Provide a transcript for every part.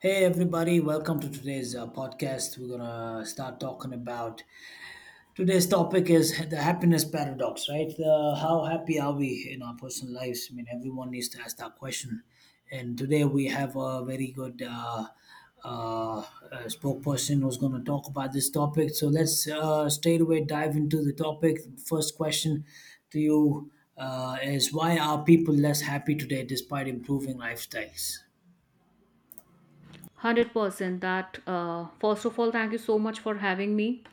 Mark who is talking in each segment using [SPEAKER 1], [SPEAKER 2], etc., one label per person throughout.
[SPEAKER 1] Hey everybody, welcome to today's podcast. We're gonna start talking about today's topic is the happiness paradox, right? How happy are we in our personal lives? I mean, everyone needs to ask that question. And today we have a very good uh, uh, spokesperson who's going to talk about this topic. So let's straight away dive into the topic. First question to you is, why are people less happy today despite improving lifestyles?
[SPEAKER 2] 100% that. First of all, thank you so much for having me,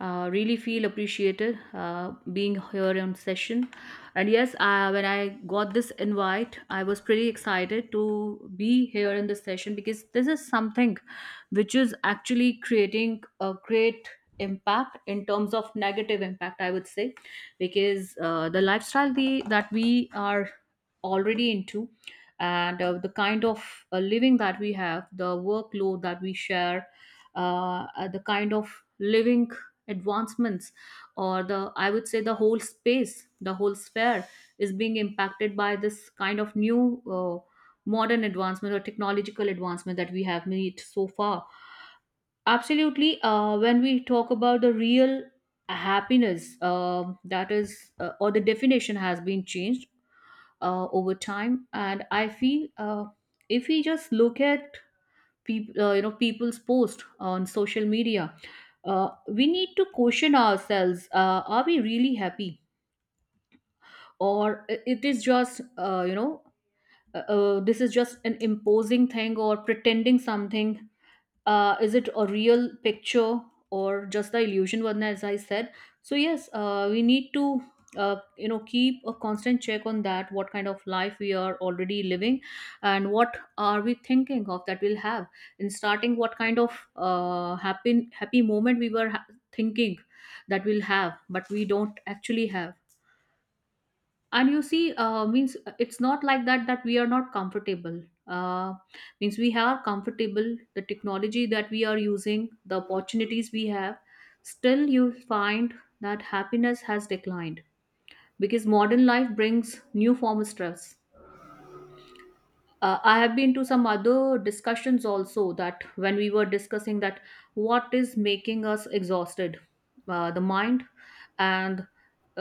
[SPEAKER 2] really feel appreciated, being here on session. And yes, when I got this invite, I was pretty excited to be here in this session, because this is something which is actually creating a great impact, in terms of negative impact I would say, because the lifestyle that we are already into, and the kind of living that we have, the workload that we share, the kind of living advancements, or the, I would say, the whole space, the whole sphere is being impacted by this kind of new modern advancement or technological advancement that we have made so far. Absolutely. When we talk about the real happiness, that is, or the definition has been changed over time, and I feel if we just look at people, people's post on social media, we need to question ourselves, are we really happy, or it is just, this is just an imposing thing or pretending something, is it a real picture, or just the illusion one, as I said? So yes, we need to, keep a constant check on that, what kind of life we are already living, and what are we thinking of that we'll have, in starting, what kind of happy moment we were thinking that we'll have, but we don't actually have. And you see, means it's not like that that we are not comfortable, uh, means we are comfortable, the technology that we are using, the opportunities we have, still you find that happiness has declined, because modern life brings new form of stress. I have been to some other discussions also, that when we were discussing that, what is making us exhausted, the mind, and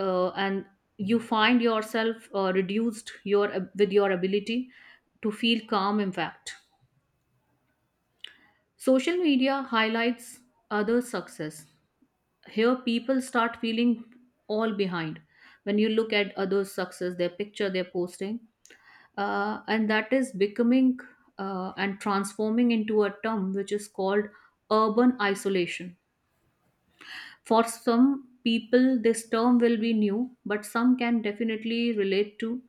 [SPEAKER 2] and you find yourself reduced your, with your ability to feel calm, in fact. Social media highlights other success. Here people start feeling all behind when you look at others success, their picture they're posting, and that is becoming, and transforming, into a term which is called urban isolation. For some people, this term will be new, but some can definitely relate to.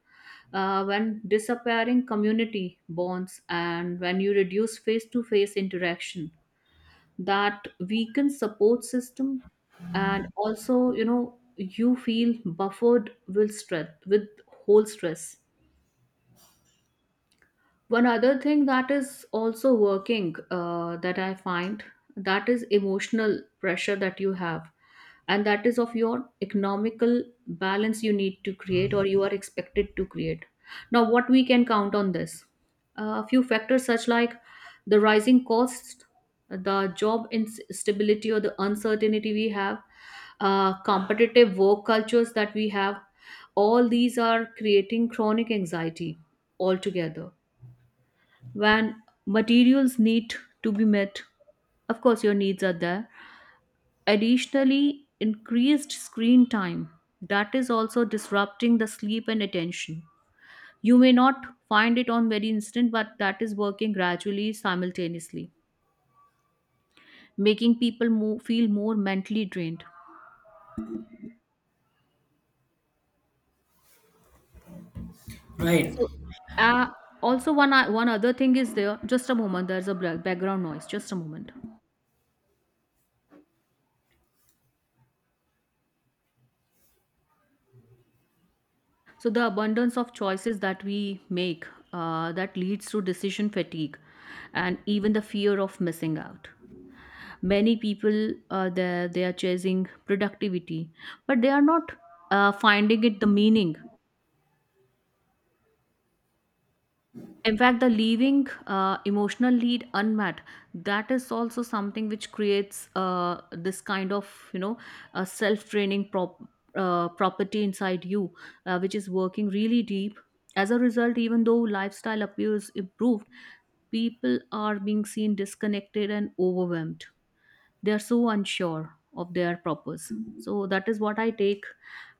[SPEAKER 2] When disappearing community bonds, and when you reduce face to face interaction, that weakens support system, and also, you feel buffered with stress, with whole stress. One other thing that is also working, that I find, that is emotional pressure that you have, and that is of your economical balance you need to create, or you are expected to create. Now, what we can count on this? A few factors such like the rising costs, the job instability or the uncertainty we have, competitive work cultures that we have, all these are creating chronic anxiety altogether, when materials need to be met. Of course your needs are there. Additionally, increased screen time, that is also disrupting the sleep and attention. You may not find it on very instant, but that is working gradually, simultaneously making people more, feel more mentally drained.
[SPEAKER 1] Right.
[SPEAKER 2] So, uh, also one other thing is there, just a moment, there's a background noise, just a moment. So the abundance of choices that we make, that leads to decision fatigue, and even the fear of missing out. Many people, they are chasing productivity, but they are not finding it the meaning, in fact the leaving emotional lead unmet, that is also something which creates this kind of, a self draining property inside you, which is working really deep. As a result, even though lifestyle appears improved, people are being seen disconnected and overwhelmed. They are so unsure of their purpose. So that is what I take,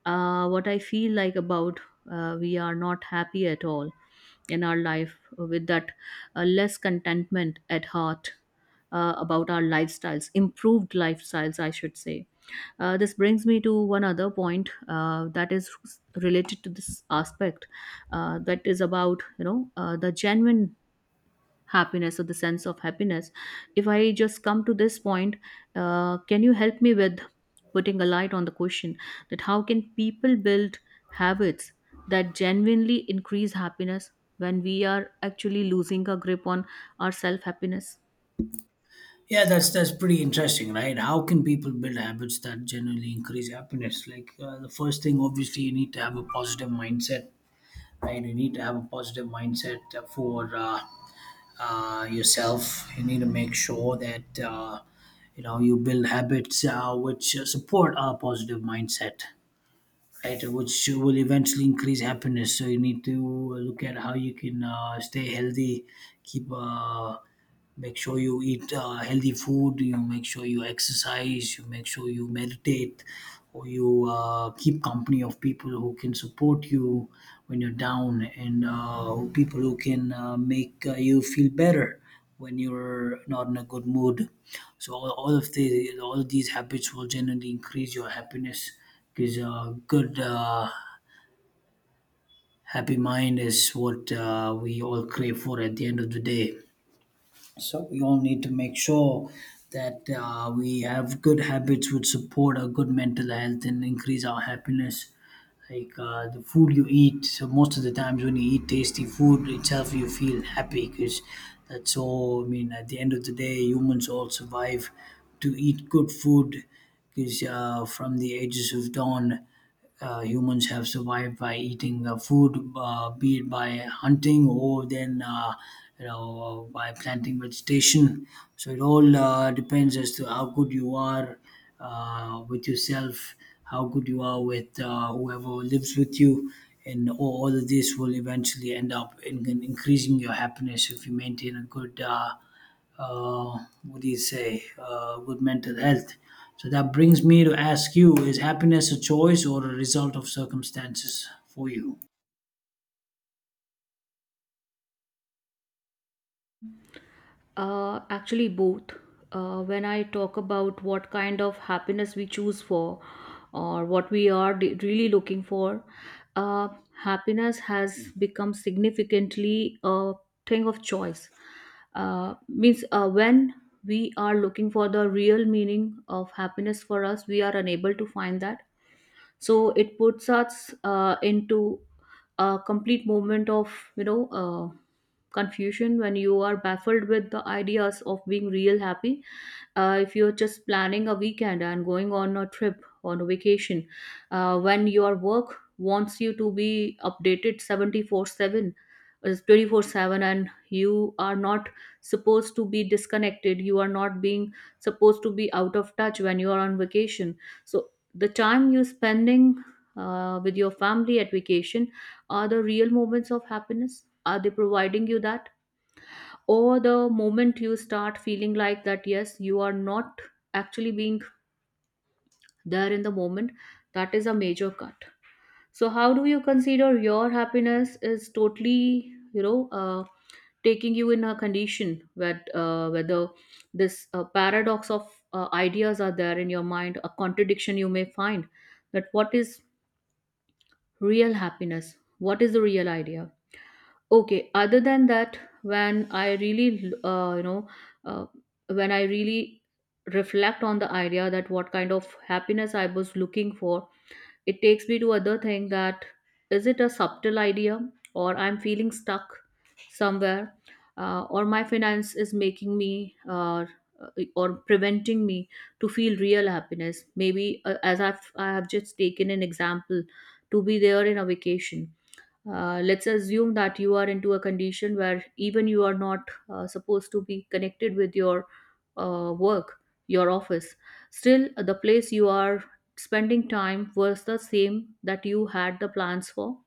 [SPEAKER 2] what I feel like about, we are not happy at all in our life, with that less contentment at heart, about our lifestyles, improved lifestyles, I should say. This brings me to one other point, that is related to this aspect, that is about, the genuine happiness or the sense of happiness. If I just come to this point, can you help me with putting a light on the question, that how can people build habits that genuinely increase happiness when we are actually losing a grip on our self happiness?
[SPEAKER 1] Yeah, that's pretty interesting, right? How can people build habits that generally increase happiness? Like the first thing, obviously, you need to have a positive mindset, right? You need to have a positive mindset for yourself. You need to make sure that you know, you build habits which support a positive mindset, right? Which will eventually increase happiness. So you need to look at how you can stay healthy, keep. Make sure you eat healthy food, you make sure you exercise, you make sure you meditate, or you keep company of people who can support you when you're down, and people who can make you feel better when you're not in a good mood. So all of these habits will generally increase your happiness, because good, happy mind is what we all crave for at the end of the day. So we all need to make sure that we have good habits which support our good mental health and increase our happiness. Like the food you eat, so most of the times when you eat tasty food itself, you feel happy because that's all. I mean, at the end of the day, humans all survive to eat good food because from the ages of dawn, humans have survived by eating food, be it by hunting or then you know by planting vegetation. So it all depends as to how good you are with yourself, how good you are with whoever lives with you, and all of this will eventually end up in increasing your happiness if you maintain a good, what do you say, good mental health. So that brings me to ask you: is happiness a choice or a result of circumstances for you?
[SPEAKER 2] Actually, both. When I talk about what kind of happiness we choose for, or what we are really looking for, uh, happiness has become significantly a thing of choice. Means, when we are looking for the real meaning of happiness for us, we are unable to find that, so it puts us into a complete moment of, confusion, when you are baffled with the ideas of being real happy. If you're just planning a weekend and going on a trip on a vacation, when your work wants you to be updated 74 7 is 24/7, and you are not supposed to be disconnected, you are not being supposed to be out of touch when you are on vacation, so the time you're spending, with your family at vacation, are the real moments of happiness, are they providing you that, or the moment you start feeling like that yes, you are not actually being there in the moment, that is a major cut. So how do you consider your happiness, is totally, taking you in a condition where, whether this paradox of ideas are there in your mind, a contradiction you may find, that what is real happiness? What is the real idea? Okay, other than that, when I really, uh, when I really reflect on the idea that what kind of happiness I was looking for, it takes me to other thing, that is it a subtle idea, or I'm feeling stuck somewhere, or my finance is making me, or preventing me to feel real happiness. Maybe, as I have just taken an example to be there in a vacation. Let's assume that you are into a condition where even you are not supposed to be connected with your work, your office, still the place you are spending time was the same that you had the plans for.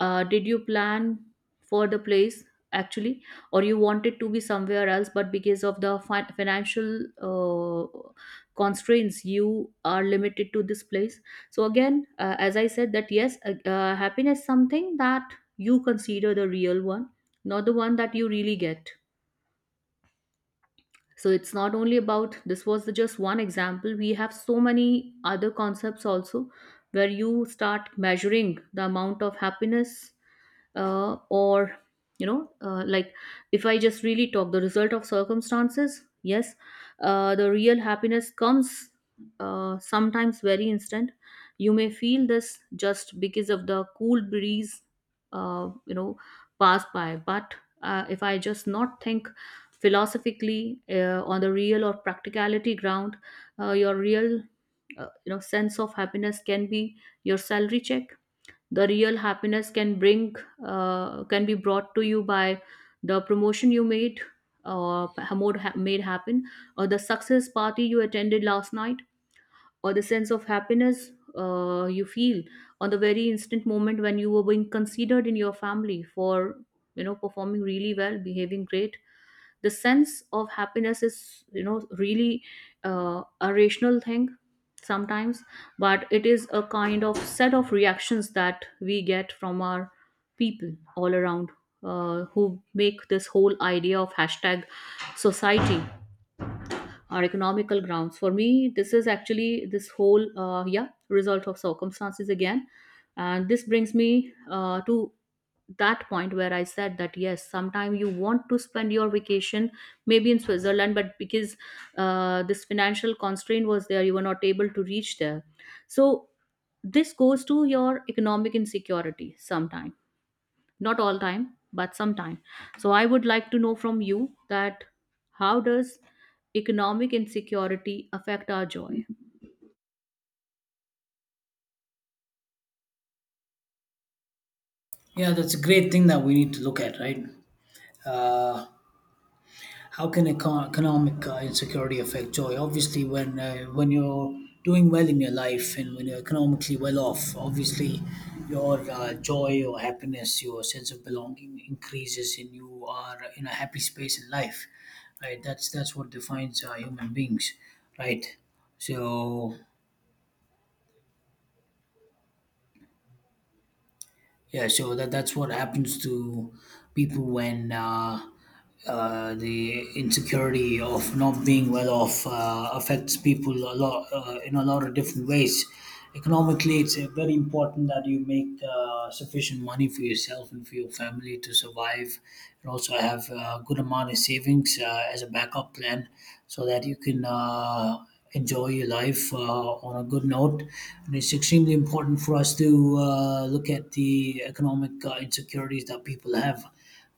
[SPEAKER 2] Did you plan for the place, actually, or you wanted to be somewhere else, but because of the financial constraints, you are limited to this place? So again, as I said, that yes, happiness something that you consider the real one, not the one that you really get, so it's not only about this, was the just one example, we have so many other concepts also where you start measuring the amount of happiness, or like, if I just really talk the result of circumstances, yes, the real happiness comes, sometimes very instant, you may feel this just because of the cool breeze, uh, you know pass by, but if I just not think philosophically, on the real or practicality ground, your real, sense of happiness can be your salary check. The real happiness can bring, can be brought to you by the promotion you made, or made happen, or the success party you attended last night, or the sense of happiness you feel on the very instant moment when you were being considered in your family for, performing really well, behaving great. The sense of happiness is, really, a rational thing sometimes, but it is a kind of set of reactions that we get from our people all around, who make this whole idea of hashtag society, or economical grounds. For me, this is actually this whole, yeah, result of circumstances again, and this brings me to that point where I said that yes, sometime you want to spend your vacation maybe in Switzerland, but because this financial constraint was there, you were not able to reach there. So this goes to your economic insecurity sometimes, not all time, but sometime. So I would like to know from you that, how does economic insecurity affect our joy?
[SPEAKER 1] Yeah, that's a great thing that we need to look at, right? How can economic insecurity affect joy? Obviously, when when you're doing well in your life and when you're economically well off, obviously your joy, your happiness, your sense of belonging increases, and you are in a happy space in life, right? That's what defines human beings, right? So, yeah, so that that's what happens to people when the insecurity of not being well off affects people a lot in a lot of different ways. Economically, it's very important that you make sufficient money for yourself and for your family to survive, and also have a good amount of savings as a backup plan, so that you can. Enjoy your life on a good note. And it's extremely important for us to look at the economic insecurities that people have,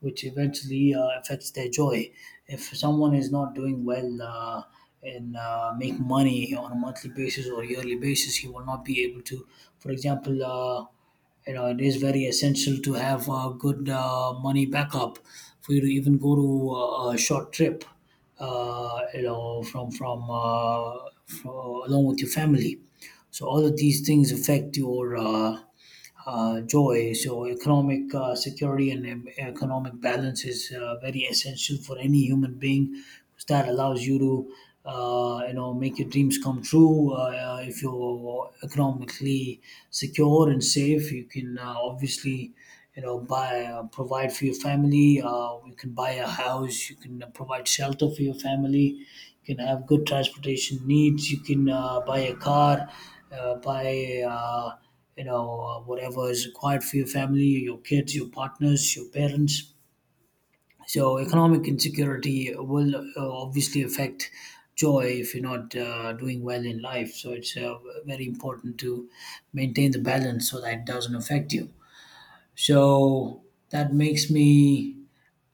[SPEAKER 1] which eventually affects their joy. If someone is not doing well and make money on a monthly basis or yearly basis, he will not be able to, for example, you know, it is very essential to have a good money backup for you to even go to a short trip, you know, from along with your family. So all of these things affect your joy. So economic security and economic balance is very essential for any human being, because that allows you to you know, make your dreams come true. If you're economically secure and safe, you can obviously, you know, buy provide for your family. You can buy a house. You can provide shelter for your family. You can have good transportation needs. You can buy a car. Buy you know whatever is required for your family, your kids, your partners, your parents. So economic insecurity will obviously affect joy if you're not doing well in life. So it's very important to maintain the balance so that it doesn't affect you. So that makes me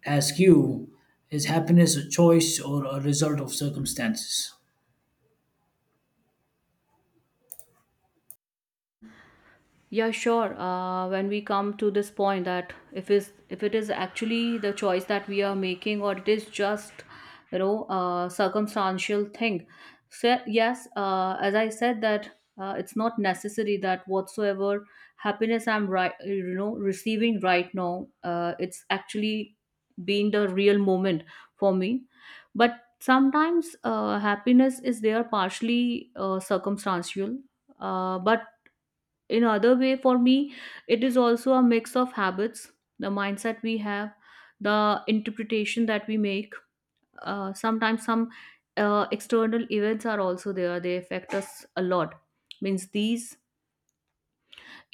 [SPEAKER 1] ask you: is happiness a choice or a result of circumstances?
[SPEAKER 2] Yeah, sure. When we come to this point that, if it is actually the choice that we are making, or it is just, a circumstantial thing. So yes, as I said that, it's not necessary that whatsoever happiness I'm receiving right now, it's actually been the real moment for me. But sometimes happiness is there partially circumstantial. But in other way for me it is also a mix of habits, the mindset we have, the interpretation that we make, sometimes some external events are also there, they affect us a lot. Means these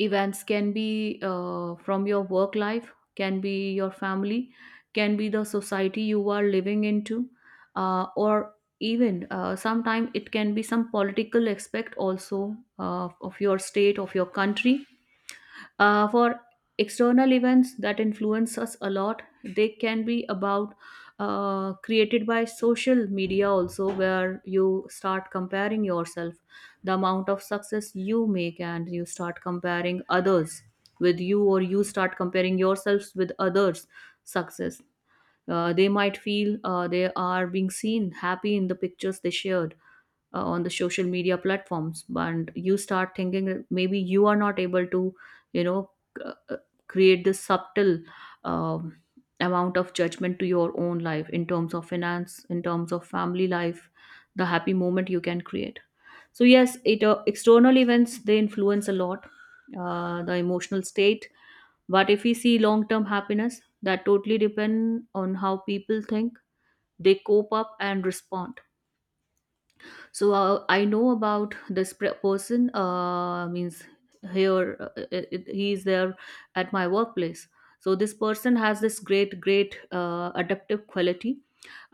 [SPEAKER 2] events can be, from your work life, can be your family, can be the society you are living into, or even, sometimes it can be some political aspect also, of your state, of your country. For external events that influence us a lot, they can be about, created by social media also, where you start comparing yourself, the amount of success you make, and you start comparing others with you, or you start comparing yourselves with others' success. They might feel they are being seen happy in the pictures they shared on the social media platforms, and you start thinking that maybe you are not able to you know c- uh, create this subtle um, amount of judgment to your own life in terms of finance, in terms of family life, the happy moment you can create. So yes, it, external events, they influence a lot the emotional state. But if we see long term happiness, that totally depend on how people think, they cope up and respond. So I know about this person. Means here, he is there at my workplace. So this person has this great, great adaptive quality,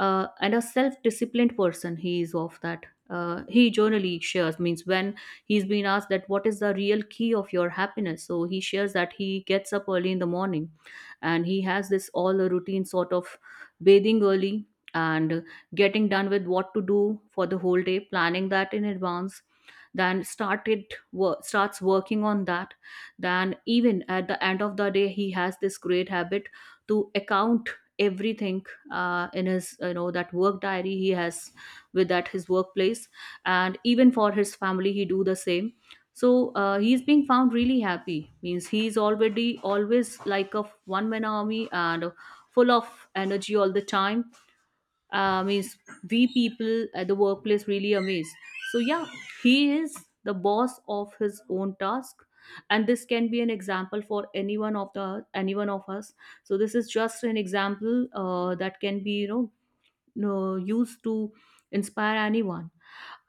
[SPEAKER 2] and a self-disciplined person he is of that. He generally shares, means when he's been asked that what is the real key of your happiness, so he shares that he gets up early in the morning, and he has this all a routine sort of bathing early, and getting done with what to do for the whole day, planning that in advance, then starts working on that. Then even at the end of the day, he has this great habit to account everything in his, you know, that work diary he has with at his workplace. And even for his family, he do the same. So he's being found really happy, means he's already always like a one man army, and full of energy all the time. Means we people at the workplace really amazed. So yeah, he is the boss of his own task, and this can be an example for anyone of the anyone of us. So this is just an example that can be, you know, no, used to inspire anyone.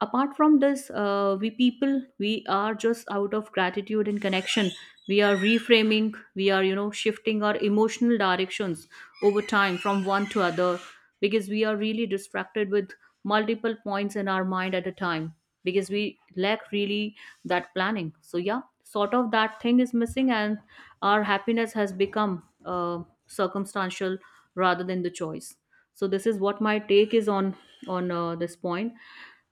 [SPEAKER 2] Apart from this, we people, we are just out of gratitude and connection, we are reframing, we are, you know, shifting our emotional directions over time from one to other, because we are really distracted with multiple points in our mind at a time, because we lack really that planning. So yeah, sort of that thing is missing, and our happiness has become circumstantial rather than the choice. So this is what my take is on this point.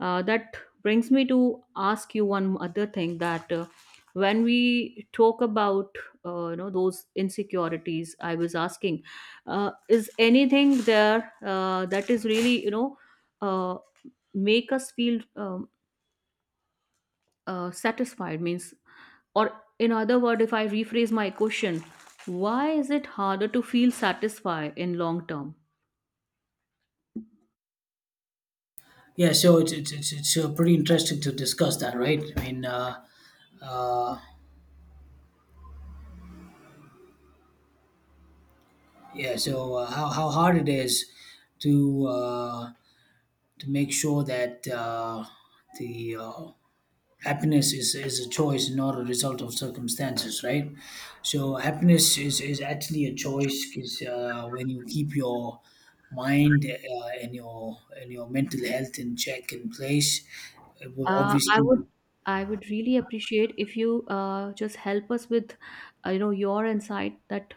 [SPEAKER 2] That brings me to ask you one other thing, that when we talk about you know those insecurities I was asking, is anything there that is really, you know, uh, make us feel satisfied, means, or in other word, if I rephrase my question, why is it harder to feel satisfied in long term?
[SPEAKER 1] Yeah, so it's pretty interesting to discuss that, right? I mean, yeah, so how how hard it is to uh, to make sure that the happiness is a choice, not a result of circumstances, right? So happiness is actually a choice, because when you keep your mind and your mental health in check, in place, it will
[SPEAKER 2] Uh, I
[SPEAKER 1] obviously,
[SPEAKER 2] would I would really appreciate if you just help us with you know your insight that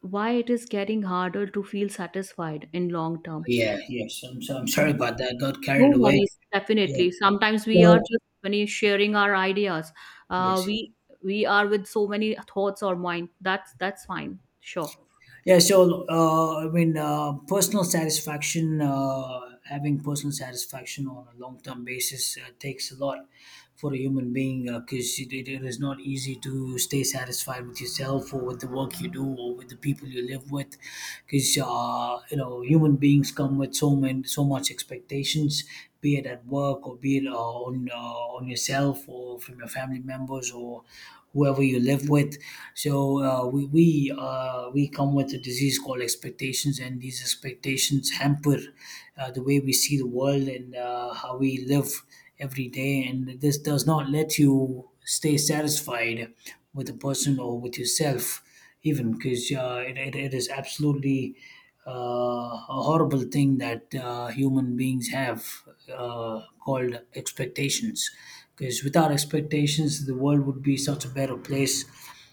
[SPEAKER 2] why it is getting harder to feel satisfied in long term.
[SPEAKER 1] yeah, yes, I'm sorry about that, got carried
[SPEAKER 2] No
[SPEAKER 1] away.
[SPEAKER 2] worries,
[SPEAKER 1] Yeah,
[SPEAKER 2] definitely. Sometimes we are
[SPEAKER 1] so,
[SPEAKER 2] just when you're sharing our ideas, uh,
[SPEAKER 1] yes.
[SPEAKER 2] we we are with so many thoughts or mind. That's fine. Sure.
[SPEAKER 1] Yeah, so I mean, personal satisfaction, having personal satisfaction on a long term basis takes a lot for a human being, because it it is not easy to stay satisfied with yourself or with the work you do or with the people you live with, because you know, human beings come with so many, so much expectations, be it at work or be it on on yourself or from your family members or whoever you live with. So we come with a disease called expectations, and these expectations hamper the way we see the world and how we live every day. And this does not let you stay satisfied with a person or with yourself even, because it is absolutely a horrible thing that human beings have, called expectations. Because without expectations, the world would be such a better place.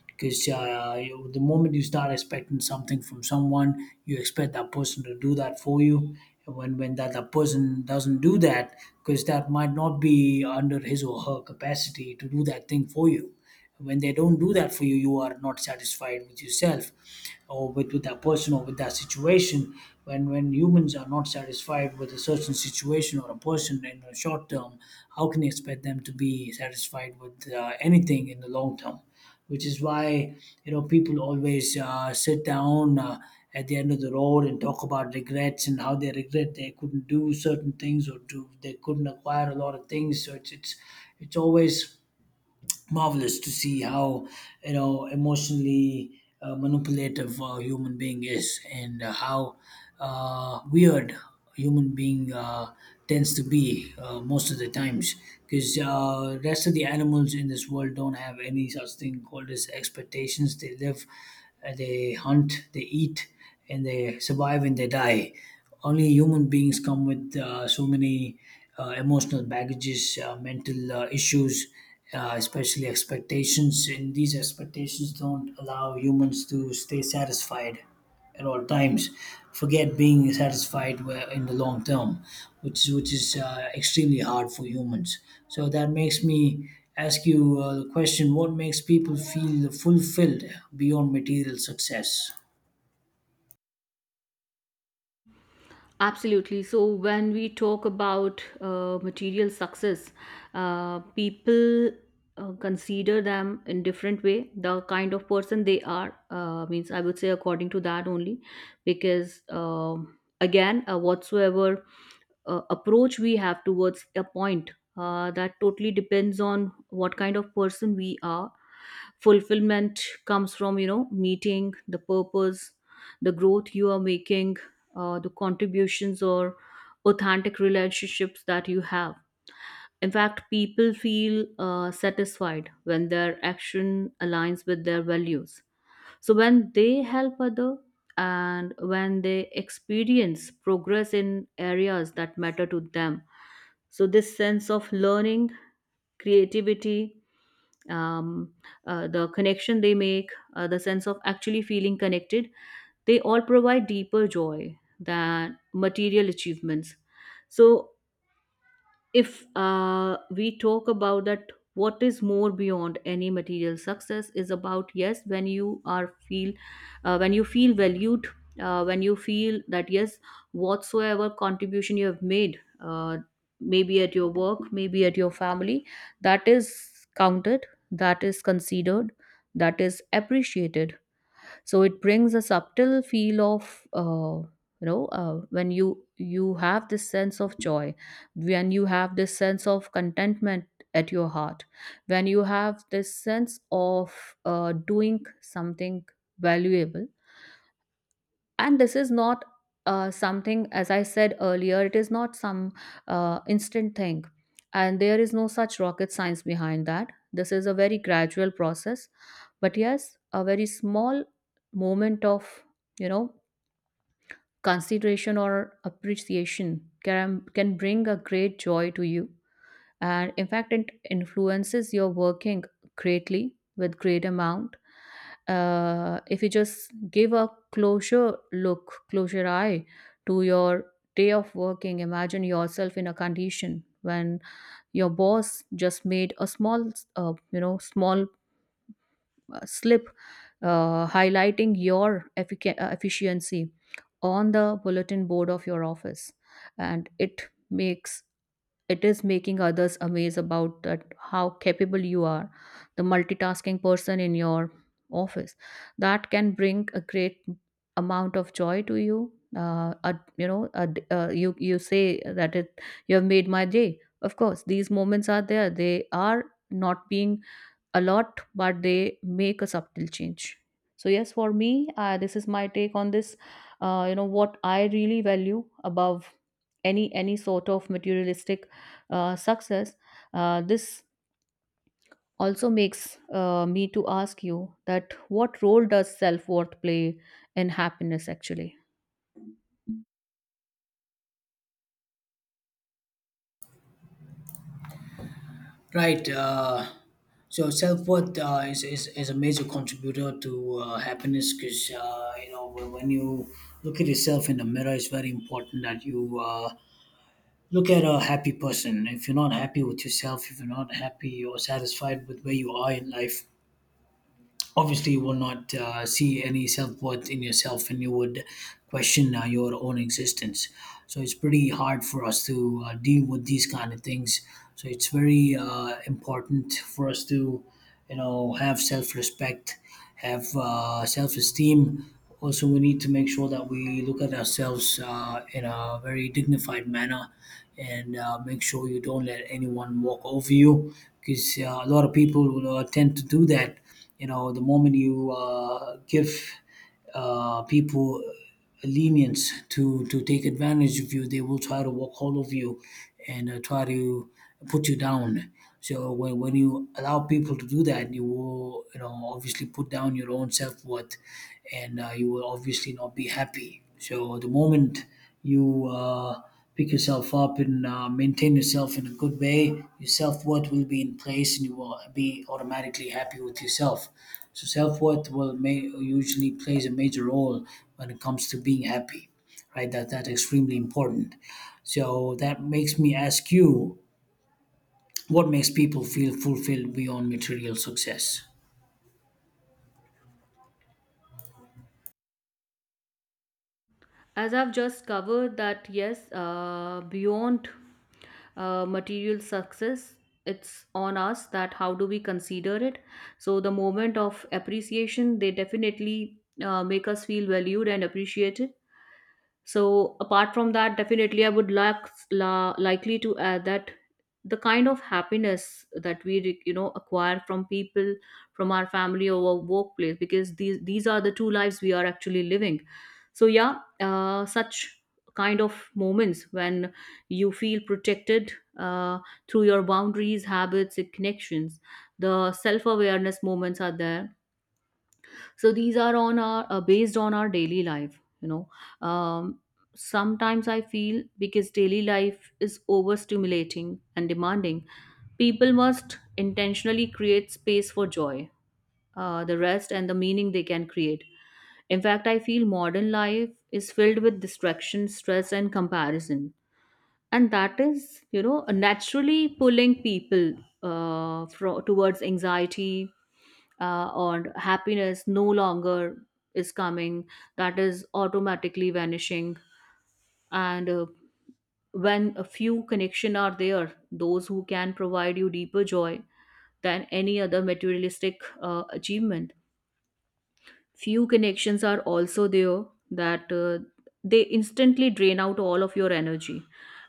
[SPEAKER 1] Because the moment you start expecting something from someone, you expect that person to do that for you. And when that person doesn't do that, because that might not be under his or her capacity to do that thing for you, when they don't do that for you, you are not satisfied with yourself or with that person or with that situation. When humans are not satisfied with a certain situation or a person in the short term, how can you expect them to be satisfied with anything in the long term? Which is why, you know, people always sit down at the end of the road and talk about regrets and how they regret they couldn't do certain things, or do they couldn't acquire a lot of things. So it's always marvelous to see how, you know, emotionally manipulative a human being is, and how weird a human being tends to be most of the times, because rest of the animals in this world don't have any such thing called as expectations. They live, they hunt, they eat, and they survive, and they die. Only human beings come with so many emotional baggages, mental issues, especially expectations, and these expectations don't allow humans to stay satisfied at all times. Forget being satisfied in the long term, which is extremely hard for humans. So that makes me ask you the question: what makes people feel fulfilled beyond material success?
[SPEAKER 2] Absolutely. So, when we talk about material success, people consider them in different way. The kind of person they are, means I would say according to that only. Because again, whatsoever approach we have towards a point, that totally depends on what kind of person we are. Fulfillment comes from, you know, meeting the purpose, the growth you are making, the contributions, or authentic relationships that you have. In fact, people feel satisfied when their action aligns with their values. So when they help other, and when they experience progress in areas that matter to them, so this sense of learning, creativity, um, the connection they make, the sense of actually feeling connected, they all provide deeper joy than material achievements. So if we talk about that, what is more beyond any material success is about, yes, when you are feel, when you feel valued, when you feel that, yes, whatsoever contribution you have made, maybe at your work, maybe at your family, that is counted, that is considered, that is appreciated. So it brings a subtle feel of, you know, when you have this sense of joy, when you have this sense of contentment at your heart, when you have this sense of doing something valuable. And this is not something, as I said earlier, it is not some instant thing. And there is no such rocket science behind that. This is a very gradual process. But yes, a very small moment of, you know, consideration or appreciation can bring a great joy to you. And in fact, it influences your working greatly, with great amount. If you just give a closure eye to your day of working, imagine yourself in a condition when your boss just made a small you know small slip highlighting your efficiency on the bulletin board of your office, and it makes, it is making others amazed about that, how capable you are, the multitasking person in your office. That can bring a great amount of joy to you. You know, you, you say that it, you have made my day. Of course, these moments are there, they are not being a lot, but they make a subtle change. So yes, for me, this is my take on this. You know what I really value above any sort of materialistic success. This also makes me to ask you that what role does self worth play in happiness actually?
[SPEAKER 1] Right. So self worth is a major contributor to happiness, because you know, when you look at yourself in the mirror, it's very important that you look at a happy person. If you're not happy with yourself, if you're not happy or satisfied with where you are in life, obviously you will not see any self-worth in yourself, and you would question your own existence. So it's pretty hard for us to deal with these kind of things. So it's very important for us to, you know, have self-respect, have self-esteem. Also we need to make sure that we look at ourselves in a very dignified manner, and make sure you don't let anyone walk over you, because a lot of people will tend to do that. You know, the moment you give people lenience to take advantage of you, they will try to walk all over you and try to put you down. So when you allow people to do that, you will, you know, obviously put down your own self-worth, and you will obviously not be happy. So the moment you pick yourself up and maintain yourself in a good way, your self worth will be in place, and you will be automatically happy with yourself. So self worth usually plays a major role when it comes to being happy, right? That that's extremely important. So that makes me ask you, what makes people feel fulfilled beyond material success?
[SPEAKER 2] As I've just covered that, yes, beyond material success, it's on us that how do we consider it. So the moment of appreciation, they definitely make us feel valued and appreciated. So apart from that, definitely I would like, likely to add that the kind of happiness that we you know acquire from people, from our family or our workplace, because these are the two lives we are actually living. So yeah, such kind of moments when you feel protected uh, through your boundaries, habits and connections, the self-awareness moments are there. So these are on our, based on our daily life, you know, um, sometimes I feel, because daily life is overstimulating and demanding, people must intentionally create space for joy, the rest and the meaning they can create. In fact, I feel modern life is filled with distraction, stress and comparison, and that is, you know, naturally pulling people towards anxiety. Or happiness no longer is coming, that is automatically vanishing. And when a few connection are there, those who can provide you deeper joy than any other materialistic achievement, few connections are also there that they instantly drain out all of your energy.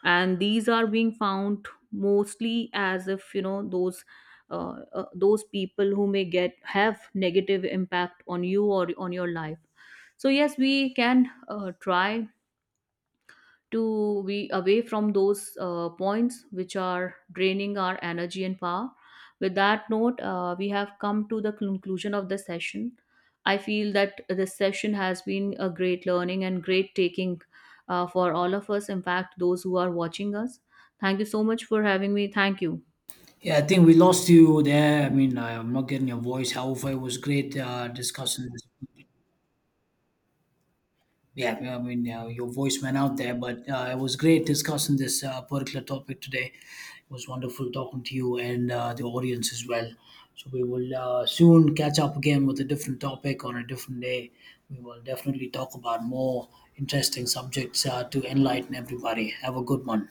[SPEAKER 2] And these are being found mostly as, if you know, those people who may get have negative impact on you or on your life. So yes, we can try to be away from those points which are draining our energy and power. With that note, we have come to the conclusion of the session. I feel that this session has been a great learning and great taking for all of us, in fact, those who are watching us. Thank you so much for having me. Thank you.
[SPEAKER 1] Yeah, I think we lost you there. I mean, I'm not getting your voice. However, it was great discussing this. Yeah, I mean, your voice went out there, but it was great discussing this particular topic today. It was wonderful talking to you and the audience as well. So we will soon catch up again with a different topic on a different day. We will definitely talk about more interesting subjects to enlighten everybody. Have a good one.